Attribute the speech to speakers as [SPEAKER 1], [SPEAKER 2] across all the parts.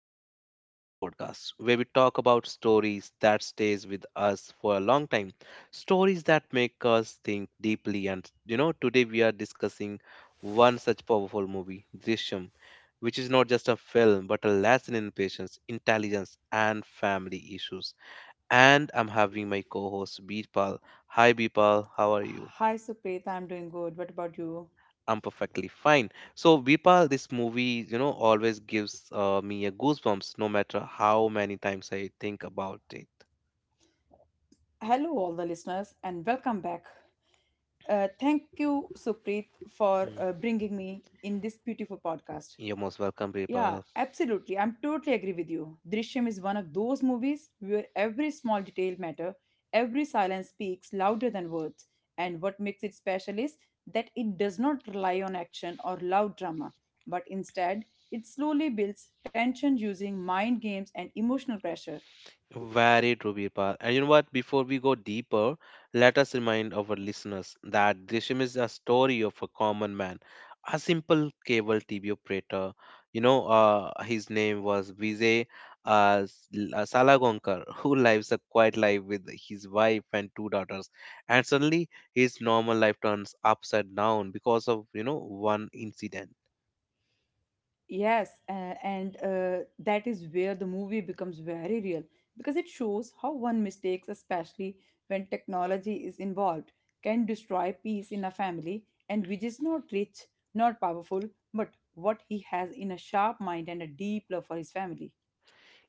[SPEAKER 1] welcome back to our podcast where we talk about stories that stays with us for a long time, stories that make us think deeply, and today we are discussing one such powerful movie, Drishyam, which is not just a film but a lesson in patience, intelligence, and family issues. And I'm having my co-host Birpal. Hi Birpal, how are you?
[SPEAKER 2] Hi, Supreet. I'm doing good. What about you?
[SPEAKER 1] I'm perfectly fine. So, Vipal, this movie, always gives me a goosebumps, no matter how many times I think about it.
[SPEAKER 2] Hello, all the listeners, and welcome back. Thank you, Supreet, for
[SPEAKER 1] Mm.
[SPEAKER 2] bringing me in this beautiful podcast.
[SPEAKER 1] You're most welcome,
[SPEAKER 2] Yeah,
[SPEAKER 1] Vipal.
[SPEAKER 2] absolutely. I'm totally agree with you. Drishyam is one of those movies where every small detail matter, every silence speaks louder than words. And what makes it special is that it does not rely on action or loud drama, but instead it slowly builds tension using mind games and emotional pressure.
[SPEAKER 1] Very true, Birpal. And you know what? Before we go deeper, let us remind our listeners that Drishyam is a story of a common man, a simple cable TV operator. His name was Vijay uh, S- Salagonkar, who lives a quiet life with his wife and two daughters. And suddenly, his normal life turns upside down because of, one incident.
[SPEAKER 2] Yes, and that is where the movie becomes very real because it shows how one mistakes, especially when technology is involved, can destroy peace in a family. And which is not rich, not powerful, but what he has in a sharp mind and a deep love for his family.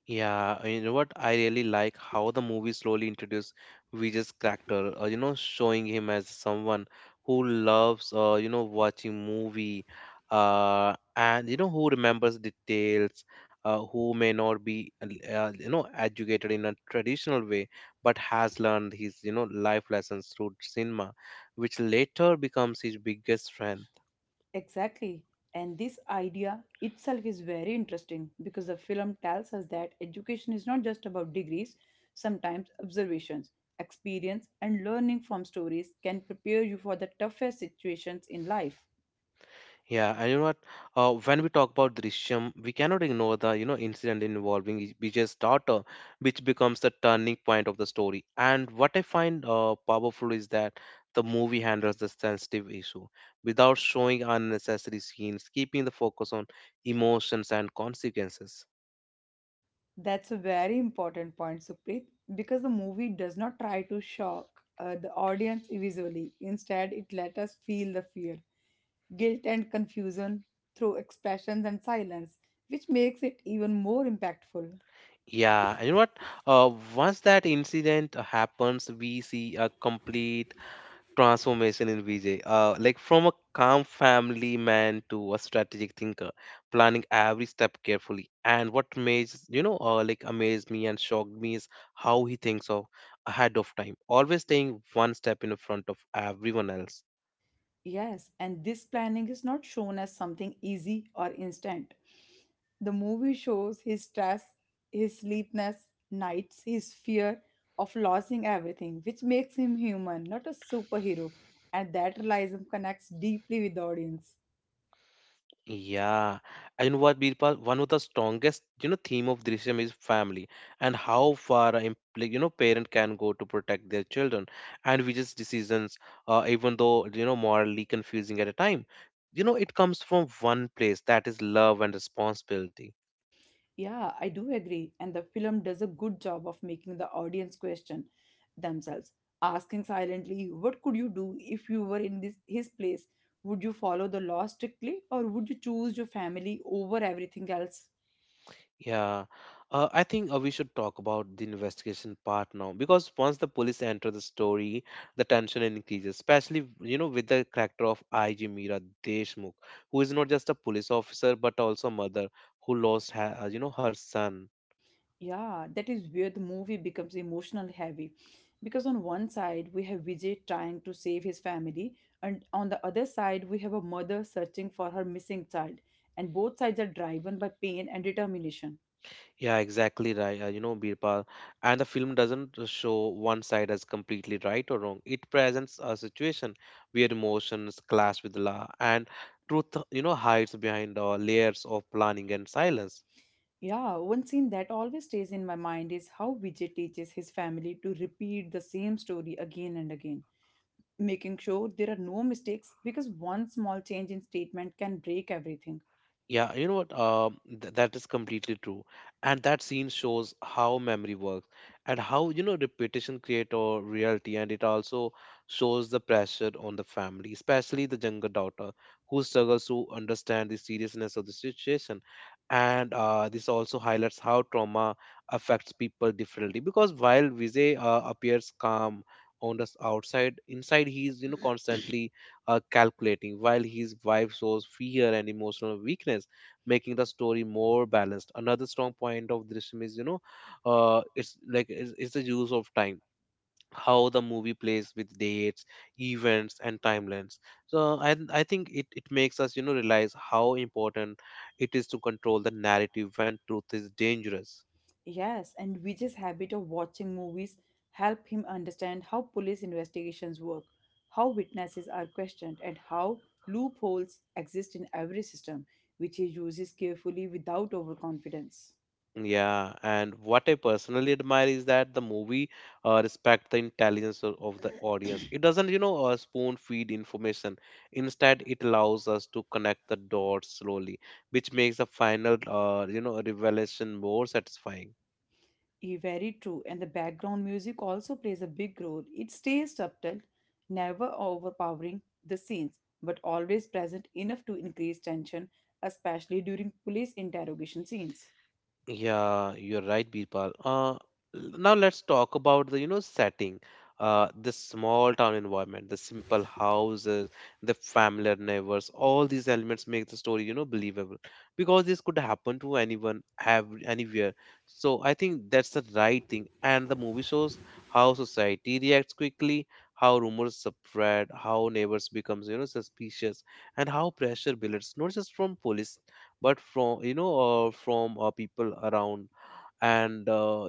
[SPEAKER 1] Yeah, you know what? I really like how the movie slowly introduced Vijay's character, showing him as someone who loves, watching movie, who remembers details, who may not be, educated in a traditional way, but has learned his, life lessons through cinema, which later becomes his biggest friend.
[SPEAKER 2] Exactly. And this idea itself is very interesting because the film tells us that education is not just about degrees, sometimes observations, experience, and learning from stories can prepare you for the toughest situations in life.
[SPEAKER 1] Yeah, and you know what? When we talk about Drishyam, we cannot ignore the incident involving Vijay's daughter, which becomes the turning point of the story. And what I find powerful is that the movie handles the sensitive issue without showing unnecessary scenes, keeping the focus on emotions and consequences.
[SPEAKER 2] That's a very important point, Supreet, because the movie does not try to shock the audience visually. Instead, it let us feel the fear, guilt, and confusion through expressions and silence, which makes it even more impactful.
[SPEAKER 1] Yeah, and you know what? Uh, once that incident happens, we see a complete transformation in Vijay. Like from a calm family man to a strategic thinker, planning every step carefully. And what amazed, amazed me and shocked me is how he thinks of ahead of time, always staying one step in front of everyone else.
[SPEAKER 2] Yes, and this planning is not shown as something easy or instant. The movie shows his stress, his sleepless nights, his fear of losing everything, which makes him human, not a superhero. And that realism connects deeply with the audience.
[SPEAKER 1] Yeah, and you know what, Birpal? One of the strongest, theme of Drishyam is family and how far, a like, you know, parent can go to protect their children, and which decisions, even though, morally confusing at a time. You know, it comes from one place, that is love and responsibility.
[SPEAKER 2] Yeah, I do agree. And the film does a good job of making the audience question themselves, asking silently, "What could you do if you were in this, his place? Would you follow the law strictly, or would you choose your family over everything else?"
[SPEAKER 1] Yeah, I think we should talk about the investigation part now, because once the police enter the story, the tension increases, especially with the character of IG Meera Deshmukh, who is not just a police officer but also a mother who lost her, her son.
[SPEAKER 2] Yeah, that is where the movie becomes emotional heavy. Because on one side, we have Vijay trying to save his family, and on the other side, we have a mother searching for her missing child. And both sides are driven by pain and determination.
[SPEAKER 1] Yeah, exactly right. You know Birpal, and the film doesn't show one side as completely right or wrong. It presents a situation where emotions clash with law and truth, hides behind layers of planning and silence.
[SPEAKER 2] Yeah, one scene that always stays in my mind is how Vijay teaches his family to repeat the same story again and again, making sure there are no mistakes because one small change in statement can break everything.
[SPEAKER 1] Yeah, you know what? Th that is completely true. And that scene shows how memory works and how, repetition create a reality. And it also shows the pressure on the family, especially the younger daughter who struggles to understand the seriousness of the situation. And this also highlights how trauma affects people differently, because while Vijay appears calm on the outside, inside he is constantly calculating, while his wife shows fear and emotional weakness, making the story more balanced. Another strong point of Drishyam is, it's the use of time. How the movie plays with dates, events, and timelines. So I think it makes us realize how important it is to control the narrative when truth is dangerous.
[SPEAKER 2] Yes, and Vijay's habit of watching movies help him understand how police investigations work, how witnesses are questioned, and how loopholes exist in every system, which he uses carefully without overconfidence.
[SPEAKER 1] Yeah, and what I personally admire is that the movie respect the intelligence of the audience. It doesn't, spoon feed information. Instead, it allows us to connect the dots slowly, which makes the final, revelation more satisfying.
[SPEAKER 2] Eh, very true. And the background music also plays a big role. It stays subtle, never overpowering the scenes, but always present enough to increase tension, especially during police interrogation scenes.
[SPEAKER 1] Yeah, you're right, Birpal. Now let's talk about the, setting. The small town environment, the simple houses, the familiar neighbors, all these elements make the story, believable because this could happen to anyone, have anywhere. So I think that's the right thing. And the movie shows how society reacts quickly, how rumors spread, how neighbors becomes, suspicious, and how pressure builds, not just from police but from from people around. And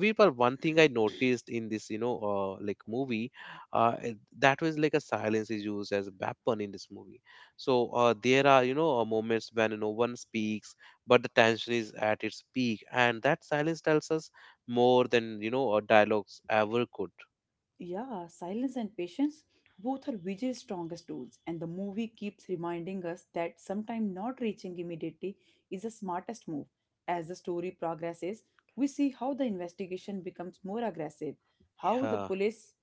[SPEAKER 1] we were One thing I noticed in this, movie, uh, it- that was like a silence is used as a weapon in this movie. So there are, moments when no one speaks, but the tension is at its peak, and that silence tells us more than, dialogues ever could.
[SPEAKER 2] Yeah, silence and patience both are Vijay's strongest tools, and the movie keeps reminding us that sometimes not reaching immediately is the smartest move. As the story progresses, we see how the investigation becomes more aggressive, how the
[SPEAKER 1] Yeah.
[SPEAKER 2] police,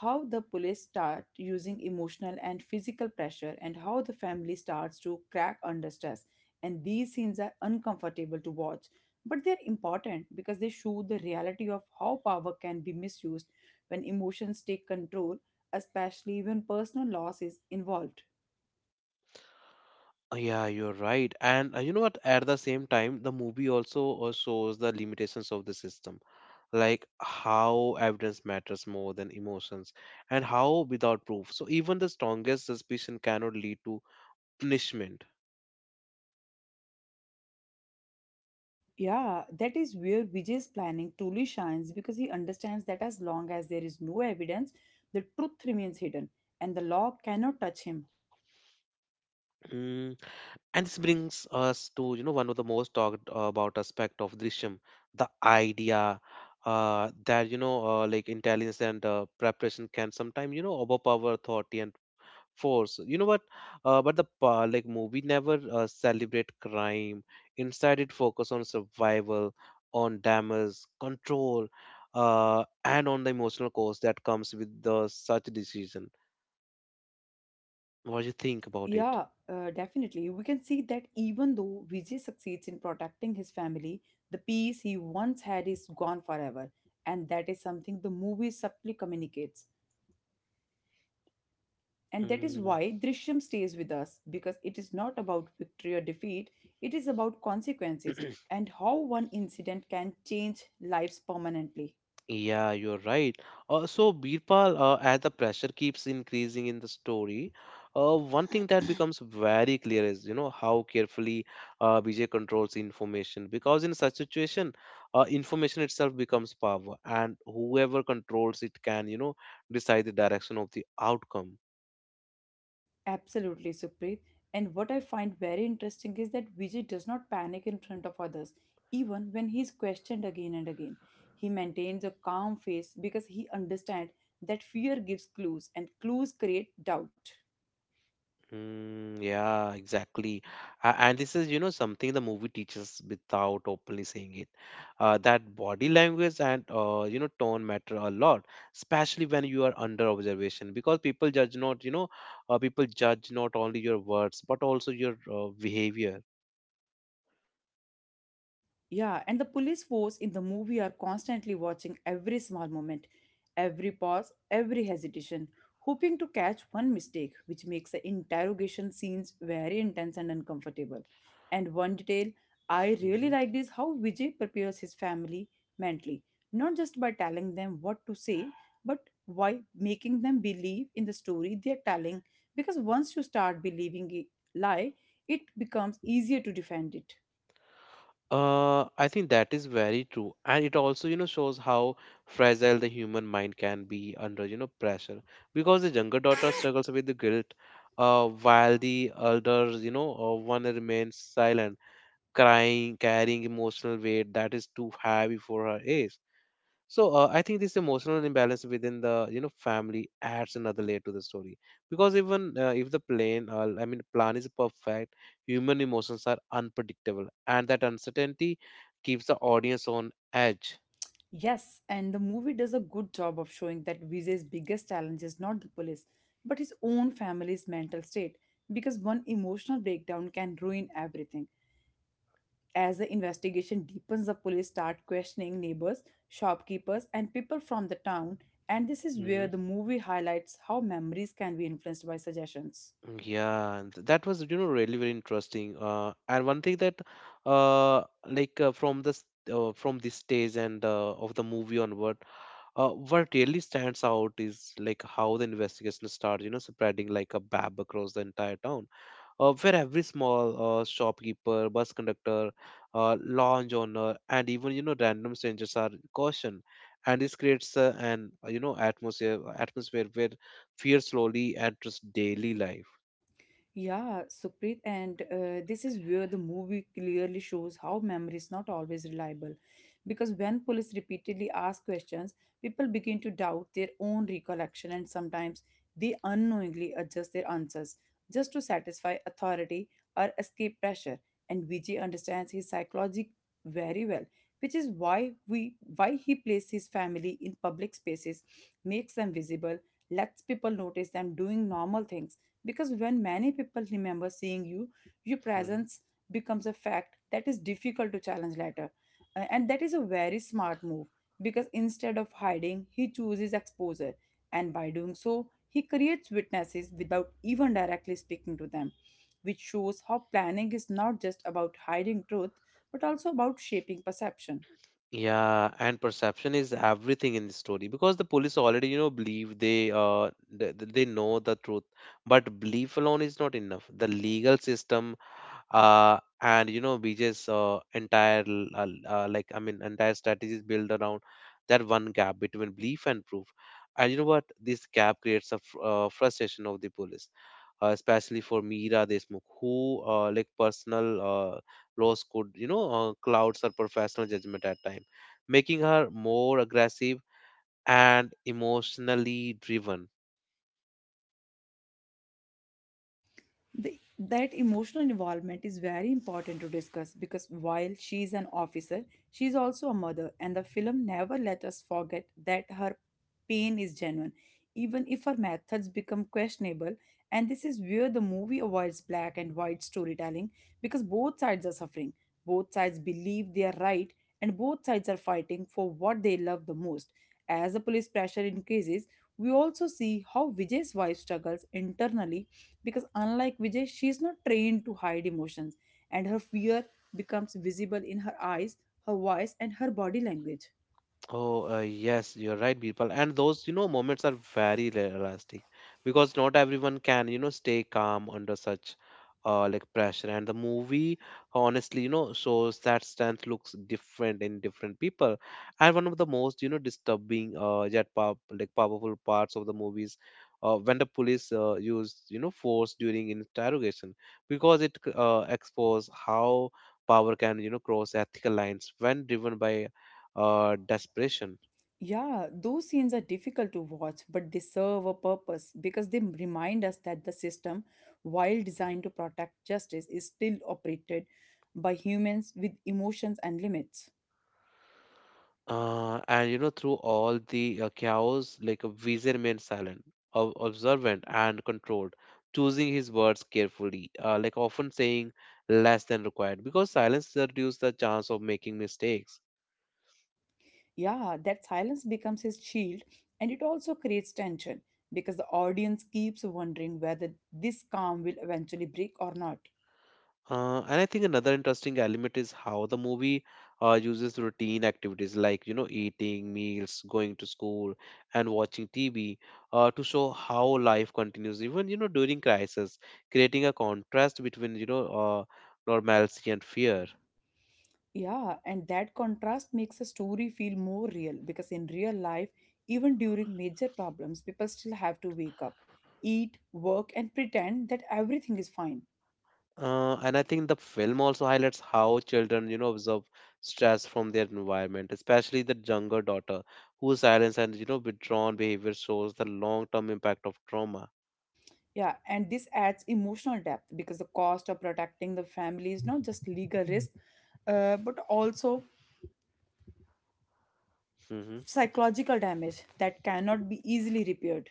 [SPEAKER 2] how the police start using emotional and physical pressure, and how the family starts to crack under stress. And these scenes are uncomfortable to watch, but they're important because they show the reality of how power can be misused when emotions take control, especially when personal loss is involved.
[SPEAKER 1] Uh, yeah, you're right, and you know what? At the same time, the movie also shows the limitations of the system, like how evidence matters more than emotions, and how without proof, so even the strongest suspicion cannot lead to punishment.
[SPEAKER 2] Yeah, that is where Vijay's planning truly shines, because he understands that as long as there is no evidence, the truth remains hidden and the law cannot touch him.
[SPEAKER 1] Mm, and this brings us to one of the most talked about aspect of Drishyam, the idea that you know like intelligence and preparation can sometimes overpower authority and force, you know what? But the pa- like Movie never celebrate crime. Instead, it focus on survival, on damage control, and on the emotional cost that comes with the such decision. What do you think about it?
[SPEAKER 2] Yeah, Definitely. We can see that even though Vijay succeeds in protecting his family, the peace he once had is gone forever. And that is something the movie subtly communicates. And that is
[SPEAKER 1] Mm.
[SPEAKER 2] why Drishyam stays with us, because it is not about victory or defeat, it is about consequences and how one incident can change lives permanently.
[SPEAKER 1] Yeah, you're right. So, Birpal, as the pressure keeps increasing in the story, one thing that becomes very clear is, how carefully Vijay controls information. Because in such situation, information itself becomes power, and whoever controls it can, decide the direction of the outcome.
[SPEAKER 2] Absolutely, Supreet. And what I find very interesting is that Vijay does not panic in front of others, even when he is questioned again and again. He maintains a calm face because he understands that fear gives clues and clues create doubt.
[SPEAKER 1] Mm, yeah, exactly. And this is, something the movie teaches without openly saying it. That body language and, tone matter a lot, especially when you are under observation, because people judge not only your words, but also your behavior.
[SPEAKER 2] Yeah, and the police force in the movie are constantly watching every small moment, every pause, every hesitation, hoping to catch one mistake, which makes the interrogation scenes very intense and uncomfortable. And one detail I really
[SPEAKER 1] Mm-hmm.
[SPEAKER 2] liked is how Vijay prepares his family mentally, not just by telling them what to say, but by making them believe in the story they are telling, because once you start believing a lie, it becomes easier to defend it.
[SPEAKER 1] I think that is very true, and it also, shows how fragile the human mind can be under, pressure. Because the younger daughter struggles with the guilt, while the elder, one remains silent, crying, carrying emotional weight that is too heavy for her age. So I think this emotional imbalance within the family adds another layer to the story, because even if the plan I mean plan is perfect, human emotions are unpredictable, and that uncertainty keeps the audience on edge.
[SPEAKER 2] Yes, and the movie does a good job of showing that Vijay's biggest challenge is not the police, but his own family's mental state, because one emotional breakdown can ruin everything. As the investigation deepens, the police start questioning neighbors, shopkeepers, and people from the town, and this is
[SPEAKER 1] Hmm.
[SPEAKER 2] where the movie highlights how memories can be influenced by suggestions.
[SPEAKER 1] Yeah, and that was, you know, really very interesting. And one thing that uh, like uh, from this from this stage and of the movie onward, what really stands out is like how the investigation starts, spreading like a bab across the entire town, where every small shopkeeper, bus conductor, lounge owner, and even random strangers are cautioned, and this creates an you know atmosphere where fear slowly enters daily life.
[SPEAKER 2] Yeah, Supreet, and this is where the movie clearly shows how memory is not always reliable. Because when police repeatedly ask questions, people begin to doubt their own recollection, and sometimes they unknowingly adjust their answers just to satisfy authority or escape pressure. And Vijay understands his psychology very well, which is why he places his family in public spaces, makes them visible, lets people notice them doing normal things, because when many people remember seeing you, your
[SPEAKER 1] Hmm.
[SPEAKER 2] presence becomes a fact that is difficult to challenge later. And that is a very smart move, because instead of hiding he chooses exposure, and by doing so he creates witnesses without even directly speaking to them, which shows how planning is not just about hiding truth but also about shaping perception.
[SPEAKER 1] Yeah, and perception is everything in the story because the police already, believe they know the truth, but belief alone is not enough. The legal system, BJ's entire l- l- like I mean, entire strategy is built around that one gap between belief and proof. And you know what? This gap creates a fr frustration of the police, especially for Meera Deshmukh, who personal loss could, clouds her professional judgment at times, making her more aggressive and emotionally driven.
[SPEAKER 2] That emotional involvement is very important to discuss, because while she is an officer, she is also a mother, and the film never let us forget that her pain is genuine, even if her methods become questionable. And this is where the movie avoids black and white storytelling, because both sides are suffering, both sides believe they are right, and both sides are fighting for what they love the most. As the police pressure increases, we also see how Vijay's wife struggles internally, because unlike Vijay, she's not trained to hide emotions, and her fear becomes visible in her eyes, her voice, and her body language.
[SPEAKER 1] Oh, yes, you're right, people. And those, moments are very elastic, because not everyone can, stay calm under such pressure. And the movie, honestly, shows that strength looks different in different people. And one of the most, disturbing yet pow- like powerful parts of the movies, when the police use, force during interrogation, because it expose how power can, cross ethical lines when driven by desperation.
[SPEAKER 2] Yeah, those scenes are difficult to watch, but they serve a purpose, because they remind us that the system, while designed to protect justice, is still operated by humans with emotions and limits.
[SPEAKER 1] And you know, through all the chaos, like a vizier remained silent, observant, and controlled, choosing his words carefully, often saying less than required, because silence reduces the chance of making mistakes.
[SPEAKER 2] Yeah, that silence becomes his shield, and it also creates tension because the audience keeps wondering whether this calm will eventually break or not.
[SPEAKER 1] And I think another interesting element is how the movie uses routine activities like, eating, meals, going to school, and watching TV to show how life continues, even, during crisis, creating a contrast between, normalcy and fear.
[SPEAKER 2] Yeah, and that contrast makes a story feel more real, because in real life, even during major problems, people still have to wake up, eat, work, and pretend that everything is fine.
[SPEAKER 1] And I think the film also highlights how children, absorb stress from their environment, especially the younger daughter, whose silence and, withdrawn behavior shows the long-term impact of trauma.
[SPEAKER 2] Yeah, and this adds emotional depth, because the cost of protecting the family is not just legal risk, but also
[SPEAKER 1] Mm-hmm.
[SPEAKER 2] psychological damage that cannot be easily repaired.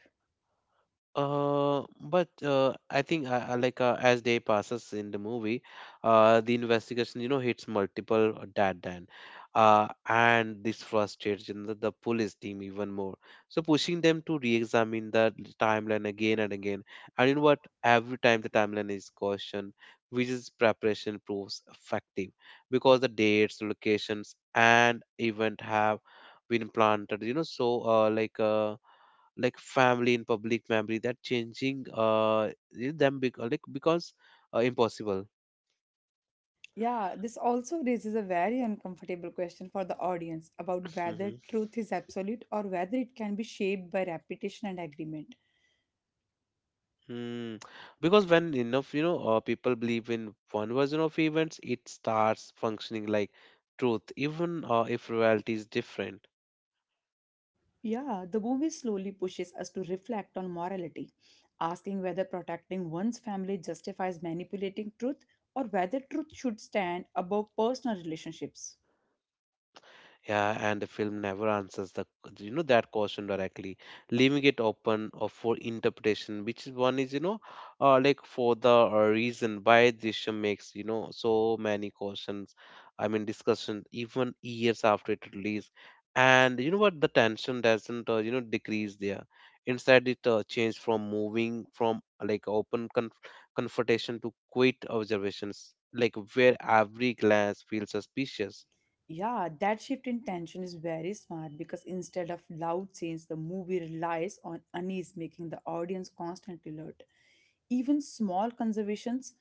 [SPEAKER 1] But I think as day passes in the movie, the investigation hits multiple dead end, and this frustrates the police team even more. So pushing them to re-examine the timeline again and again, and you know what? Every time the timeline is cautioned, which is preparation proves effective because the dates, locations, and event have been planted. Family in public memory that changing them because impossible.
[SPEAKER 2] Yeah, this also raises a very uncomfortable question for the audience about whether
[SPEAKER 1] Hmm.
[SPEAKER 2] truth is absolute or whether it can be shaped by repetition and agreement.
[SPEAKER 1] Hmm. Because when enough people believe in one version of events, it starts functioning like truth, even if reality is different.
[SPEAKER 2] Yeah, the movie slowly pushes us to reflect on morality, asking whether protecting one's family justifies manipulating truth, or whether truth should stand above personal relationships.
[SPEAKER 1] Yeah, and the film never answers the that question directly, leaving it open or for interpretation, which is one is for the reason why Drishyam makes so many questions, I mean discussion even years after it released, and you know what, the tension doesn't decrease there. Instead, it changed from moving from open confrontation to quiet observations, like where every glance feels suspicious.
[SPEAKER 2] Yeah, that shift in tension is very smart, because instead of loud scenes, the movie relies on unease, making the audience constantly alert. Even small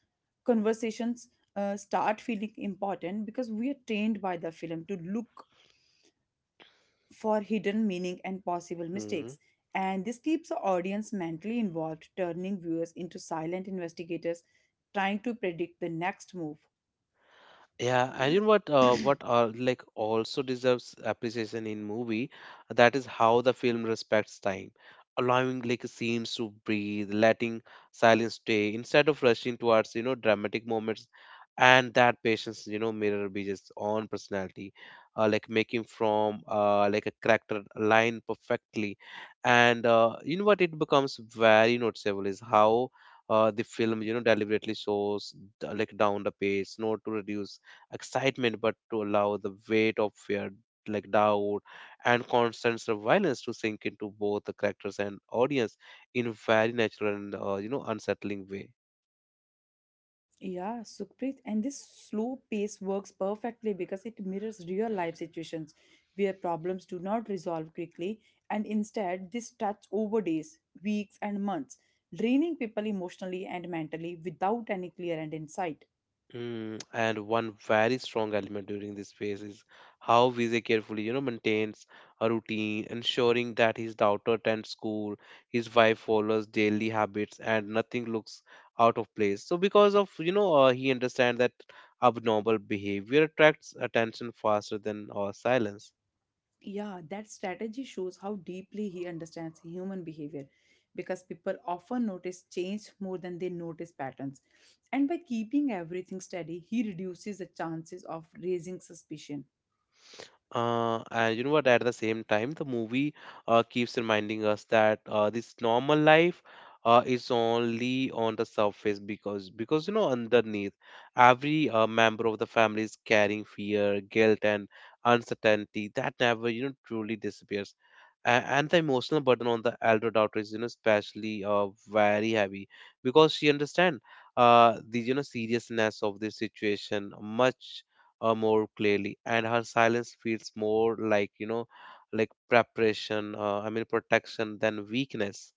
[SPEAKER 2] conversations start feeling important, because we are trained by the film to look for hidden meaning and possible mistakes. And this keeps the audience mentally involved, turning viewers into silent investigators trying to predict the next move.
[SPEAKER 1] Yeah, and you know what? Also deserves appreciation in movie, that is how the film respects time, allowing like scenes to breathe, letting silence stay instead of rushing towards dramatic moments, and that patience mirror Vijay's own personality, making from a character line perfectly, and you know what? It becomes very noticeable is how. The film, deliberately shows down the pace, not to reduce excitement but to allow the weight of fear, like doubt, and constant surveillance to sink into both the characters and audience in very natural and unsettling way.
[SPEAKER 2] Yeah, Sukhpreet, and this slow pace works perfectly because it mirrors real life situations where problems do not resolve quickly, and instead this stretch over days, weeks, and months, draining people emotionally and mentally without any clear end in sight.
[SPEAKER 1] And one very strong element during this phase is how Vijay carefully, maintains a routine, ensuring that his daughter attends school, his wife follows daily habits, and nothing looks out of place. So, because of he understands that abnormal behavior attracts attention faster than silence.
[SPEAKER 2] Yeah, that strategy shows how deeply he understands human behavior, because people often notice change more than they notice patterns. And by keeping everything steady, he reduces the chances of raising suspicion.
[SPEAKER 1] And you know what? At the same time, the movie keeps reminding us that this normal life is only on the surface because underneath every member of the family is carrying fear, guilt, and uncertainty that never truly disappears. And the emotional burden on the elder daughter is, especially very heavy because she understands the, seriousness of this situation much more clearly, and her silence feels more like like preparation, I mean protection, than weakness.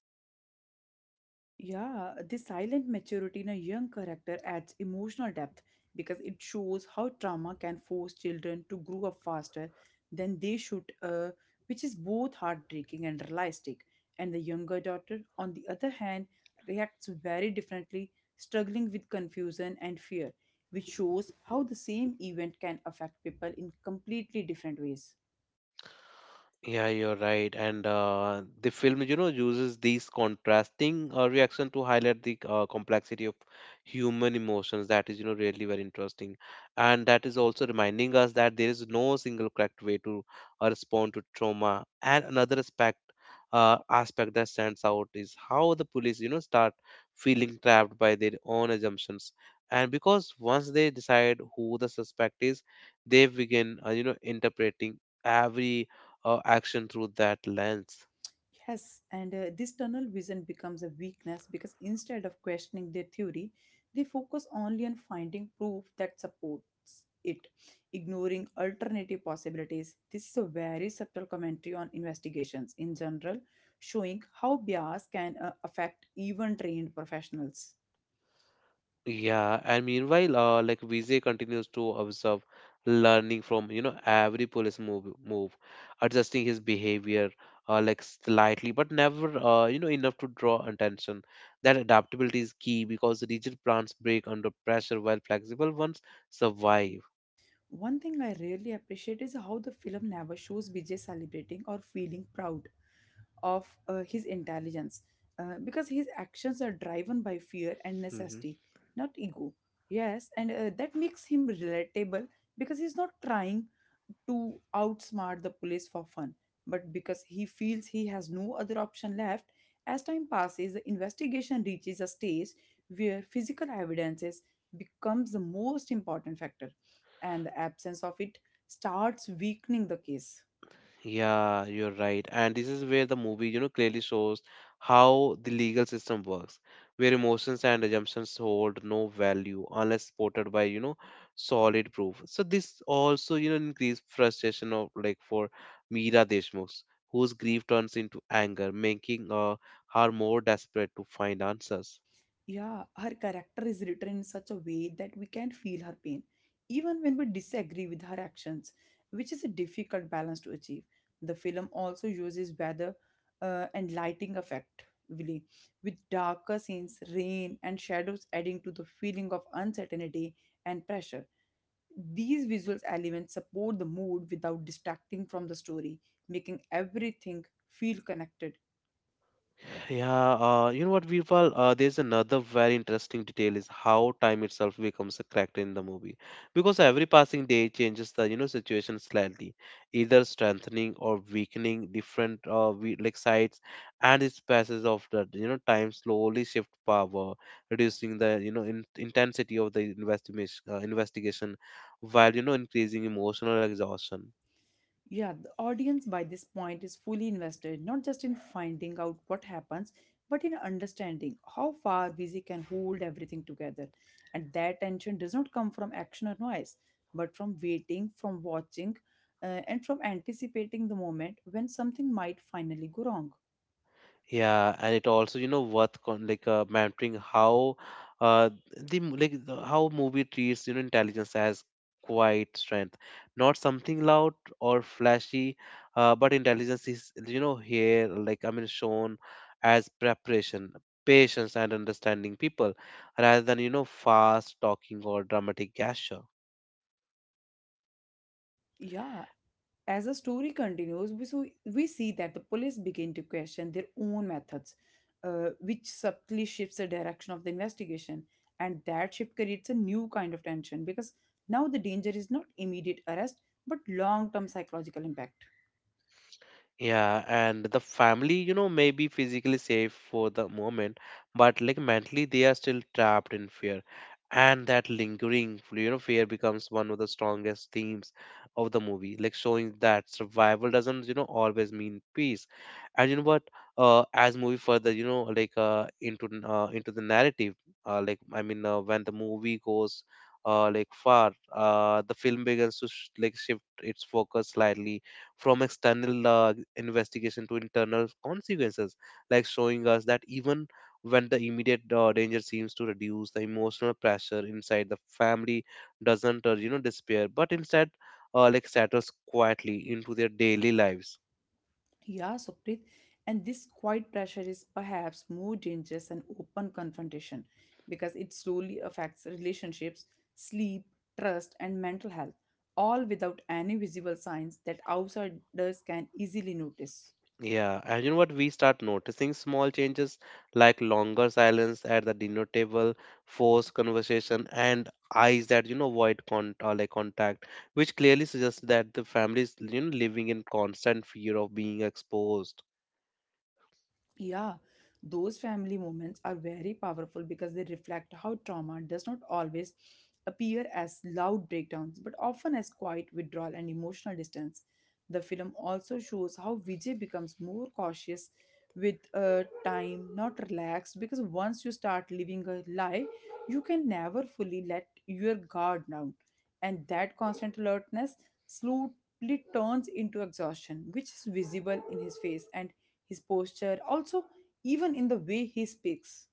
[SPEAKER 2] Yeah, this silent maturity in a young character adds emotional depth, because it shows how trauma can force children to grow up faster than they should, which is both heartbreaking and realistic. And the younger daughter, on the other hand, reacts very differently, struggling with confusion and fear, which shows how the same event can affect people in completely different ways.
[SPEAKER 1] Yeah, you're right. And the film, uses these contrasting reaction to highlight the complexity of human emotions. That is, really very interesting. And that is also reminding us that there is no single correct way to respond to trauma. And another aspect that stands out is how the police, start feeling trapped by their own assumptions. And because once they decide who the suspect is, they begin, interpreting every action through that lens.
[SPEAKER 2] Yes, and This tunnel vision becomes a weakness, because instead of questioning their theory, they focus only on finding proof that supports it, ignoring alternative possibilities. This is a very subtle commentary on investigations in general, showing how bias can affect even trained professionals.
[SPEAKER 1] Yeah, and meanwhile, Vijay continues to observe, learning from every police move, adjusting his behavior, slightly, but never enough to draw attention. That adaptability is key because rigid plants break under pressure, while flexible ones survive.
[SPEAKER 2] One thing I really appreciate is how the film never shows Vijay celebrating or feeling proud of his intelligence, because his actions are driven by fear and
[SPEAKER 1] Mm-hmm.
[SPEAKER 2] necessity, not ego. Yes, and that makes him relatable because he's not trying to outsmart the police for fun, but because he feels he has no other option left. As time passes, the investigation reaches a stage where physical evidences becomes the most important factor, and the absence of it starts weakening the case.
[SPEAKER 1] Yeah, you're right. And this is where the movie, clearly shows how the legal system works, where emotions and assumptions hold no value unless supported by, solid proof. So this also, increased frustration of like for Meera Deshmukh, whose grief turns into anger, making her more desperate to find answers.
[SPEAKER 2] Yeah, her character is written in such a way that we can feel her pain, even when we disagree with her actions, which is a difficult balance to achieve. The film also uses weather and lighting effect, really, with darker scenes, rain, and shadows adding to the feeling of uncertainty and pressure. These visual elements support the mood without distracting from the story, making everything feel connected.
[SPEAKER 1] Yeah, you know what, Virpal? There's another very interesting detail is how time itself becomes a character in the movie, because every passing day changes the situation slightly, either strengthening or weakening different we, like sides, and its passage of the time slowly shift power, reducing the intensity of the investigation, while increasing emotional exhaustion.
[SPEAKER 2] Yeah, the audience by this point is fully invested, not just in finding out what happens, but in understanding how far Vizi can hold everything together. And that tension does not come from action or noise, but from waiting, from watching, and from anticipating the moment when something might finally go wrong.
[SPEAKER 1] Yeah, and it also, worth con like mentoring how uh the mo- like the- how movie treats intelligence as quiet strength, not something loud or flashy, but intelligence is here, like I mean shown as preparation, patience, and understanding people, rather than fast talking or dramatic gesture.
[SPEAKER 2] Yeah. As the story continues, we see that the police begin to question their own methods, which subtly shifts the direction of the investigation. And that shift creates a new kind of tension because now the danger is not immediate arrest but long term psychological impact.
[SPEAKER 1] Yeah, and the family, may be physically safe for the moment, but like mentally, they are still trapped in fear. And that lingering, fear becomes one of the strongest themes of the movie, like showing that survival doesn't, always mean peace. And you know what? As movie further, into into the narrative, when the movie goes far, the film begins to shift its focus slightly from external investigation to internal consequences, like showing us that even when the immediate danger seems to reduce, the emotional pressure inside the family doesn't, disappear, but instead, settles quietly into their daily lives.
[SPEAKER 2] Yeah, Sukrit, and this quiet pressure is perhaps more dangerous than open confrontation because it slowly affects relationships, sleep, trust, and mental health, all without any visible signs that outsiders can easily notice.
[SPEAKER 1] Yeah, and you know what? We start noticing small changes like longer silence at the dinner table, forced conversation, and eyes that avoid contact, which clearly suggests that the family is living in constant fear of being exposed.
[SPEAKER 2] Yeah, those family moments are very powerful because they reflect how trauma does not always appear as loud breakdowns but often as quiet withdrawal and emotional distance. The film also shows how Vijay becomes more cautious with time, not relaxed, because once you start living a lie, you can never fully let your guard down. And that constant alertness slowly turns into exhaustion, which is visible in his face and his posture, also, even in the way he speaks.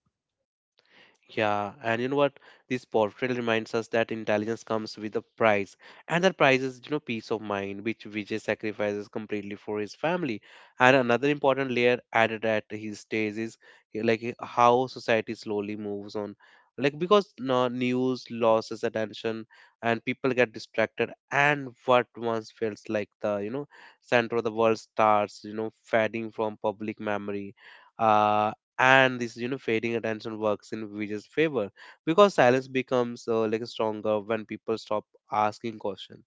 [SPEAKER 1] Yeah, and you know what? This portrayal reminds us that intelligence comes with a price, and that price is, peace of mind, which Vijay sacrifices completely for his family. And another important layer added at his stage is how society slowly moves on, like because no news loses attention, and people get distracted, and what once felt like the, center of the world starts, fading from public memory. Uh, and this fading attention works in Vijay's favor because silence becomes stronger when people stop asking questions.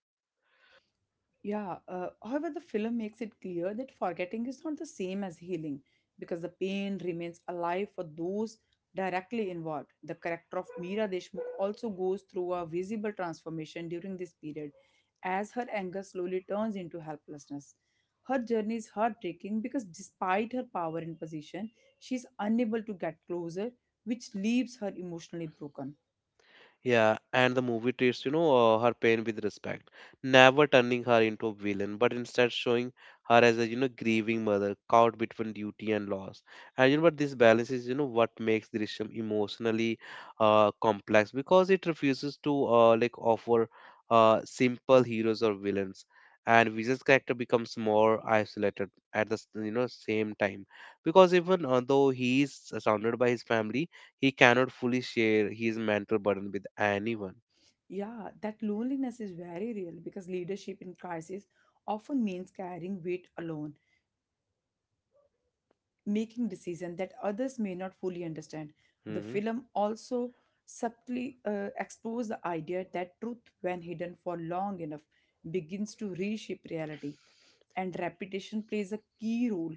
[SPEAKER 2] Yeah, however, the film makes it clear that forgetting is not the same as healing because the pain remains alive for those directly involved. The character of Meera Deshmukh also goes through a visible transformation during this period as her anger slowly turns into helplessness. Her journey is heartbreaking because despite her power and position, she is unable to get closer, which leaves her emotionally broken.
[SPEAKER 1] Yeah, and the movie treats, her pain with respect, never turning her into a villain, but instead showing her as a, grieving mother caught between duty and loss. And but this balance is, what makes Drishyam emotionally complex because it refuses to offer simple heroes or villains. And Vijay's character becomes more isolated at the same time because even though he is surrounded by his family, he cannot fully share his mental burden with anyone.
[SPEAKER 2] Yeah, that loneliness is very real because leadership in crisis often means carrying weight alone, making decisions that others may not fully understand. The
[SPEAKER 1] Mhm.
[SPEAKER 2] film also subtly explores the idea that truth, when hidden for long enough, begins to reshape reality. And repetition plays a key role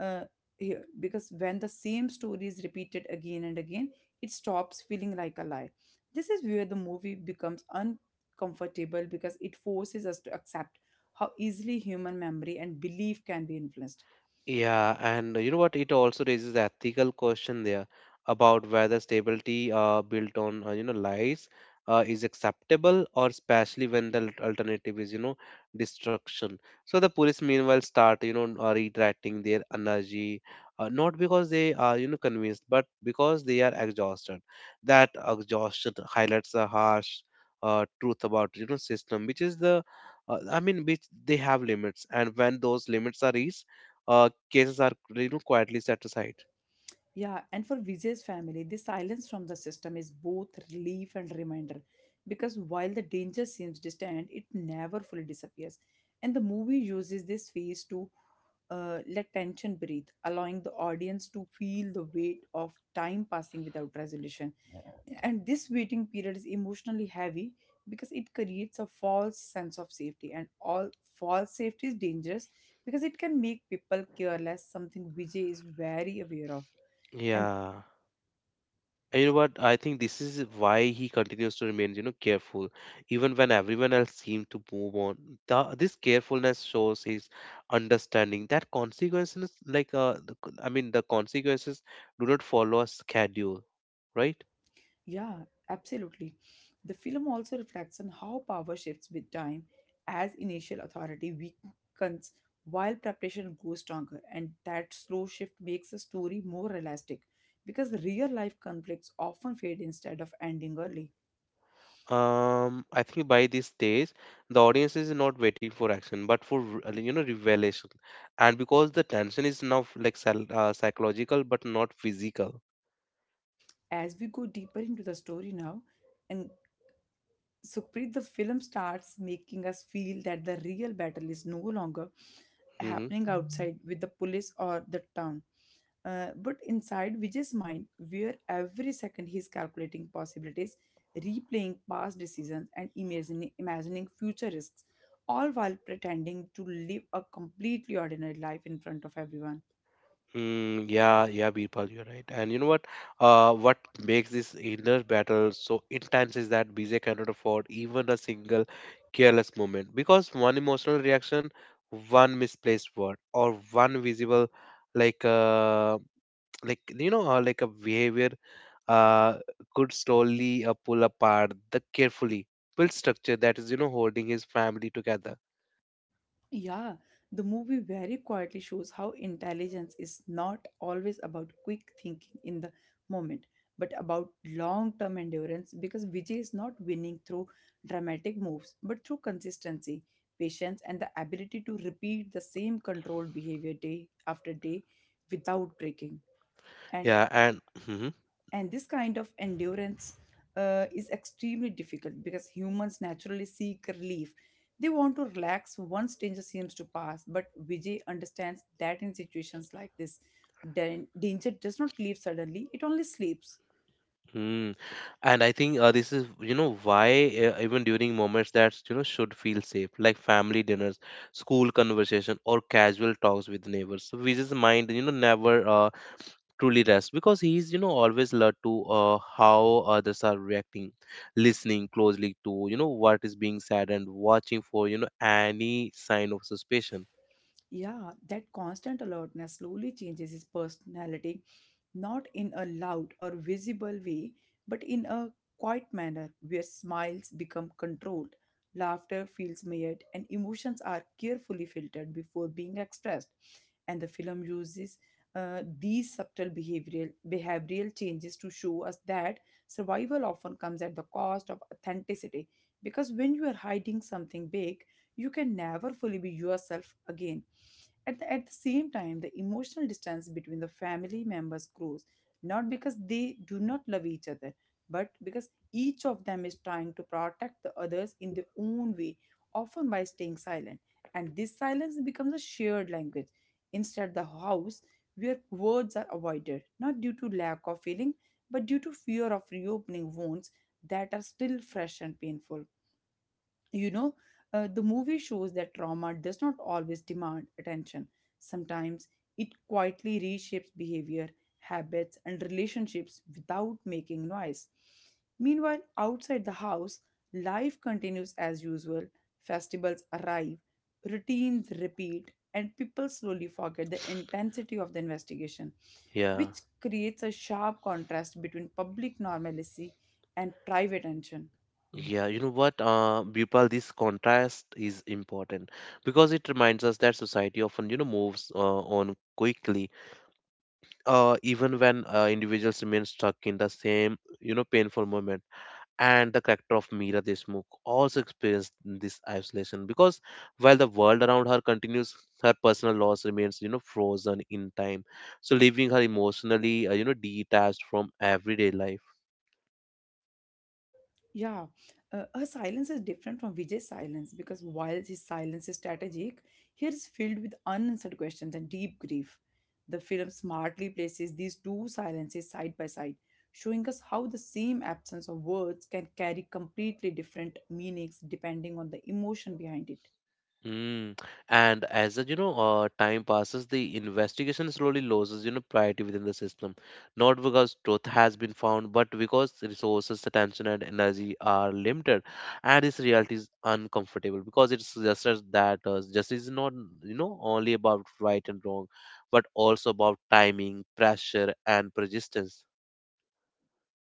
[SPEAKER 2] uh, here because when the same story is repeated again and again, it stops feeling like a lie. This is where the movie becomes uncomfortable because it forces us to accept how easily human memory and belief can be influenced.
[SPEAKER 1] Yeah, and you know what? It also raises ethical question there about whether stability built on lies is acceptable, or especially when the alternative is destruction. So the police meanwhile start redirecting their energy, not because they are convinced, but because they are exhausted. That exhaustion highlights a harsh truth about system, which is the I mean, which they have limits, and when those limits are reached, cases are quietly set aside.
[SPEAKER 2] Yeah, and for Vijay's family, the silence from the system is both relief and reminder because while the danger seems distant, it never fully disappears. And the movie uses this phase to let tension breathe, allowing the audience to feel the weight of time passing without resolution. And this waiting period is emotionally heavy because it creates a false sense of safety, and all false safety is dangerous because it can make people careless, something Vijay is very aware of and.
[SPEAKER 1] Yeah. And you know what? I think this is why he continues to remain, careful, even when everyone else seemed to move on. This carefulness shows his understanding that consequences, like, I mean, the consequences do not follow a schedule, right?
[SPEAKER 2] Yeah, absolutely. The film also reflects on how power shifts with time as initial authority weakens while preparation grows stronger, and that slow shift makes the story more realistic because real life conflicts often fade instead of ending early.
[SPEAKER 1] I think by this stage, the audience is not waiting for action, but for revelation, and because the tension is now like psychological but not physical.
[SPEAKER 2] As we go deeper into the story now, and Sukhpreet, the film starts making us feel that the real battle is no longer
[SPEAKER 1] Mm-hmm.
[SPEAKER 2] happening outside with the police or the town. But inside Vijay's mind, where every second he's calculating possibilities, replaying past decisions, and imagining future risks, all while pretending to live a completely ordinary life in front of everyone.
[SPEAKER 1] Yeah, yeah, Birpal, you're right. And you know what? What makes this inner battle so intense is that BJ cannot afford even a single careless moment because one emotional reaction, one misplaced word, or one visible, like uh, a behavior, uh, could slowly pull apart the carefully built structure that is holding his family together.
[SPEAKER 2] Yeah, the movie very quietly shows how intelligence is not always about quick thinking in the moment, but about long term endurance because Vijay is not winning through dramatic moves, but through consistency, patience, and the ability to repeat the same controlled behavior day after day without breaking. And
[SPEAKER 1] Yeah, and
[SPEAKER 2] and this kind of endurance is extremely difficult because humans naturally seek relief. They want to relax once danger seems to pass, but Vijay understands that in situations like this, danger does not leave suddenly, it only sleeps.
[SPEAKER 1] Mm. And I think this is, why even during moments that, should feel safe, like family dinners, school conversation, or casual talks with neighbors. So Vijay's mind, never truly rests because he's, always alert to how others are reacting, listening closely to, what is being said and watching for, any sign of suspicion.
[SPEAKER 2] Yeah, that constant alertness slowly changes his personality, not in a loud or visible way, but in a quiet manner where smiles become controlled, laughter feels measured, and emotions are carefully filtered before being expressed. And the film uses these subtle behavioral changes to show us that survival often comes at the cost of authenticity because when you are hiding something big, you can never fully be yourself again. At the same time, the emotional distance between the family members grows, not because they do not love each other, but because each of them is trying to protect the others in their own way, often by staying silent. And this silence becomes a shared language. Instead, the house where words are avoided, not due to lack of feeling, but due to fear of reopening wounds that are still fresh and painful, you know the movie shows that trauma does not always demand attention. Sometimes it quietly reshapes behavior, habits, and relationships without making noise. Meanwhile, outside the house, life continues as usual. Festivals arrive, routines repeat, and people slowly forget the intensity of the investigation,
[SPEAKER 1] Yeah.
[SPEAKER 2] which creates a sharp contrast between public normalcy and private tension.
[SPEAKER 1] Yeah, you know what, Bipal, this contrast is important because it reminds us that society often, you know, moves on quickly, even when individuals remain stuck in the same, you know, painful moment. And the character of Meera Deshmukh also experienced this isolation because while the world around her continues, her personal loss remains, you know, frozen in time. So leaving her emotionally, you know, detached from everyday life.
[SPEAKER 2] Yeah, her silence is different from Vijay's silence because while his silence is strategic, here is filled with unanswered questions and deep grief. The film smartly places these two silences side by side, showing us how the same absence of words can carry completely different meanings depending on the emotion behind it.
[SPEAKER 1] Mm. And as the, you know, time passes, the investigation slowly loses, you know, priority within the system. Not because truth has been found, but because resources, attention, and energy are limited. And this reality is uncomfortable because it suggests that justice is not, you know, only about right and wrong, but also about timing, pressure, and persistence.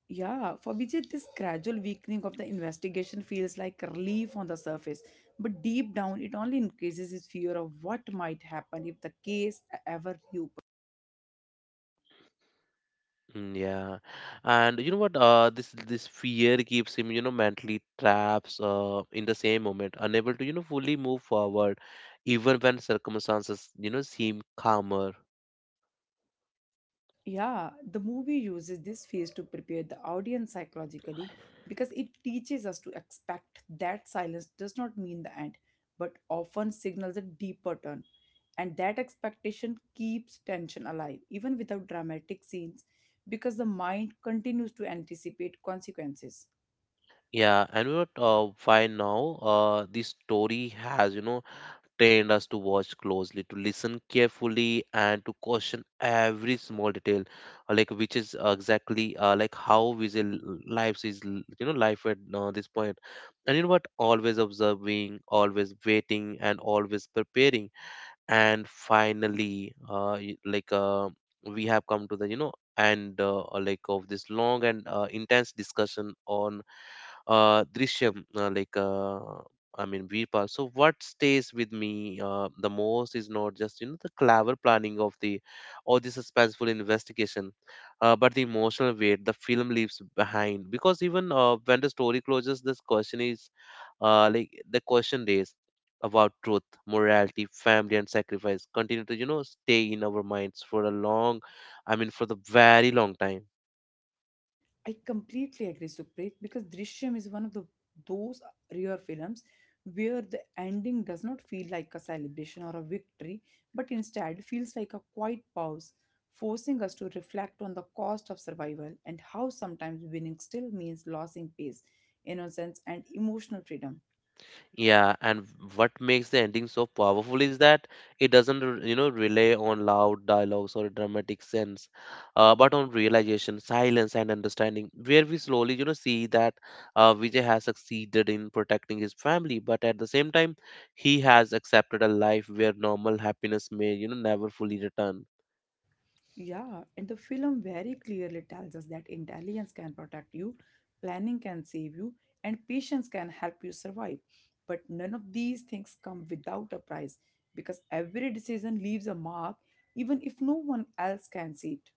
[SPEAKER 2] Yeah, for Vijay, this gradual weakening of the investigation feels like relief on the surface, but deep down, it only increases his fear of what might happen if the case ever reopens.
[SPEAKER 1] Mm. Yeah, and you know what? This this fear keeps him, you know, mentally traps. In the same moment, unable to, you know, fully move forward, even when circumstances, you know, seem calmer.
[SPEAKER 2] Yeah, the movie uses this phase to prepare the audience psychologically because it teaches us to expect that silence does not mean the end, but often signals a deeper turn. And that expectation keeps tension alive, even without dramatic scenes, because the mind continues to anticipate consequences.
[SPEAKER 1] Yeah, and you know what? Why now? This story has, you know, trained us to watch closely, to listen carefully, and to caution every small detail, like which is exactly like how visual lives is, you know, life at this point. And you know what? Always observing, always waiting, and always preparing. And finally, like we have come to the, you know, and like of this long and intense discussion on Drishyam, like I mean Veerpal. So what stays with me the most is not just, you know, the clever planning of the or the suspenseful investigation, but the emotional weight the film leaves behind. Because even when the story closes, this question is like the question is about truth, morality, family, and sacrifice continue to, you know, stay in our minds for a long, I mean for the very long time.
[SPEAKER 2] I completely agree, Supreet, because Drishyam is one of the those rare films where the ending does not feel like a celebration or a victory, but instead feels like a quiet pause, forcing us to reflect on the cost of survival and how sometimes winning still means losing peace, innocence, and emotional freedom.
[SPEAKER 1] Yeah, and what makes the ending so powerful is that it doesn't, you know, rely on loud dialogues or dramatic sense, but on realization, silence, and understanding, where we slowly, you know, see that Vijay has succeeded in protecting his family, but at the same time, he has accepted a life where normal happiness may, you know, never fully return.
[SPEAKER 2] Yeah, and the film very clearly tells us that intelligence can protect you, planning can save you, and patience can help you survive. But none of these things come without a price because every decision leaves a mark, even if no one else can see it.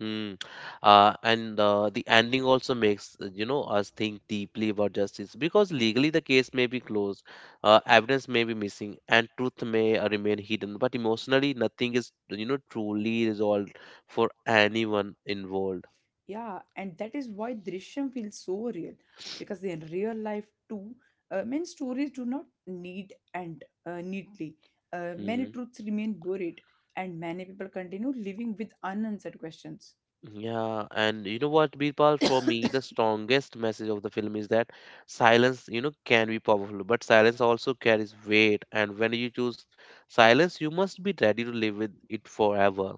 [SPEAKER 1] Mm. And The ending also makes, you know, us think deeply about justice because legally the case may be closed, evidence may be missing, and truth may remain hidden. But emotionally, nothing is, you know, truly resolved for anyone involved.
[SPEAKER 2] Yeah, and that is why Drishyam feels so real because in real life too, many stories do not need end neatly. Many
[SPEAKER 1] Hmm.
[SPEAKER 2] truths remain buried, and many people continue living with unanswered questions.
[SPEAKER 1] Yeah, and you know what, Birpal, for me, the strongest message of the film is that silence, you know, can be powerful, but silence also carries weight, and when you choose silence, you must be ready to live with it forever.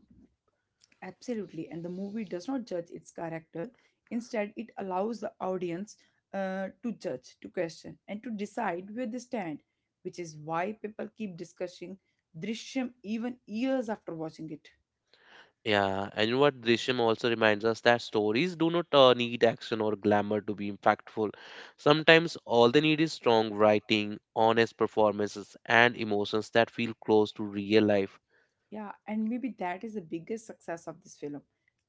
[SPEAKER 2] Absolutely, and the movie does not judge its character. Instead, it allows the audience to judge, to question, and to decide where they stand, which is why people keep discussing Drishyam even years after watching it.
[SPEAKER 1] Yeah, and you know what, Drishyam also reminds us that stories do not need action or glamour to be impactful. Sometimes all they need is strong writing, honest performances, and emotions that feel close to real life.
[SPEAKER 2] Yeah, and maybe that is the biggest success of this film,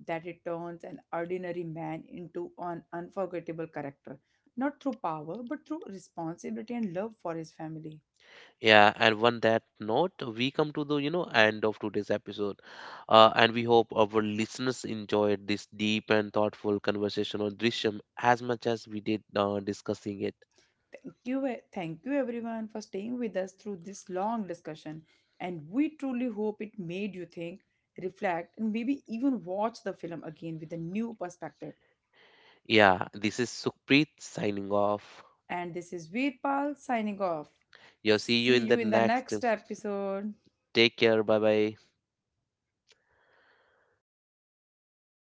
[SPEAKER 2] that it turns an ordinary man into an unforgettable character, not through power, but through responsibility and love for his family.
[SPEAKER 1] Yeah, and on that note, we come to the, you know, end of today's episode, and we hope our listeners enjoyed this deep and thoughtful conversation on Drishyam as much as we did discussing it.
[SPEAKER 2] Thank you, thank you everyone for staying with us through this long discussion. And we truly hope it made you think, reflect, and maybe even watch the film again with a new perspective.
[SPEAKER 1] Yeah, this is Sukhpreet signing off.
[SPEAKER 2] And this is Veerpal signing off.
[SPEAKER 1] Yeah, see you
[SPEAKER 2] See
[SPEAKER 1] in the
[SPEAKER 2] you in the
[SPEAKER 1] next.
[SPEAKER 2] next episode.
[SPEAKER 1] Take care. Bye bye.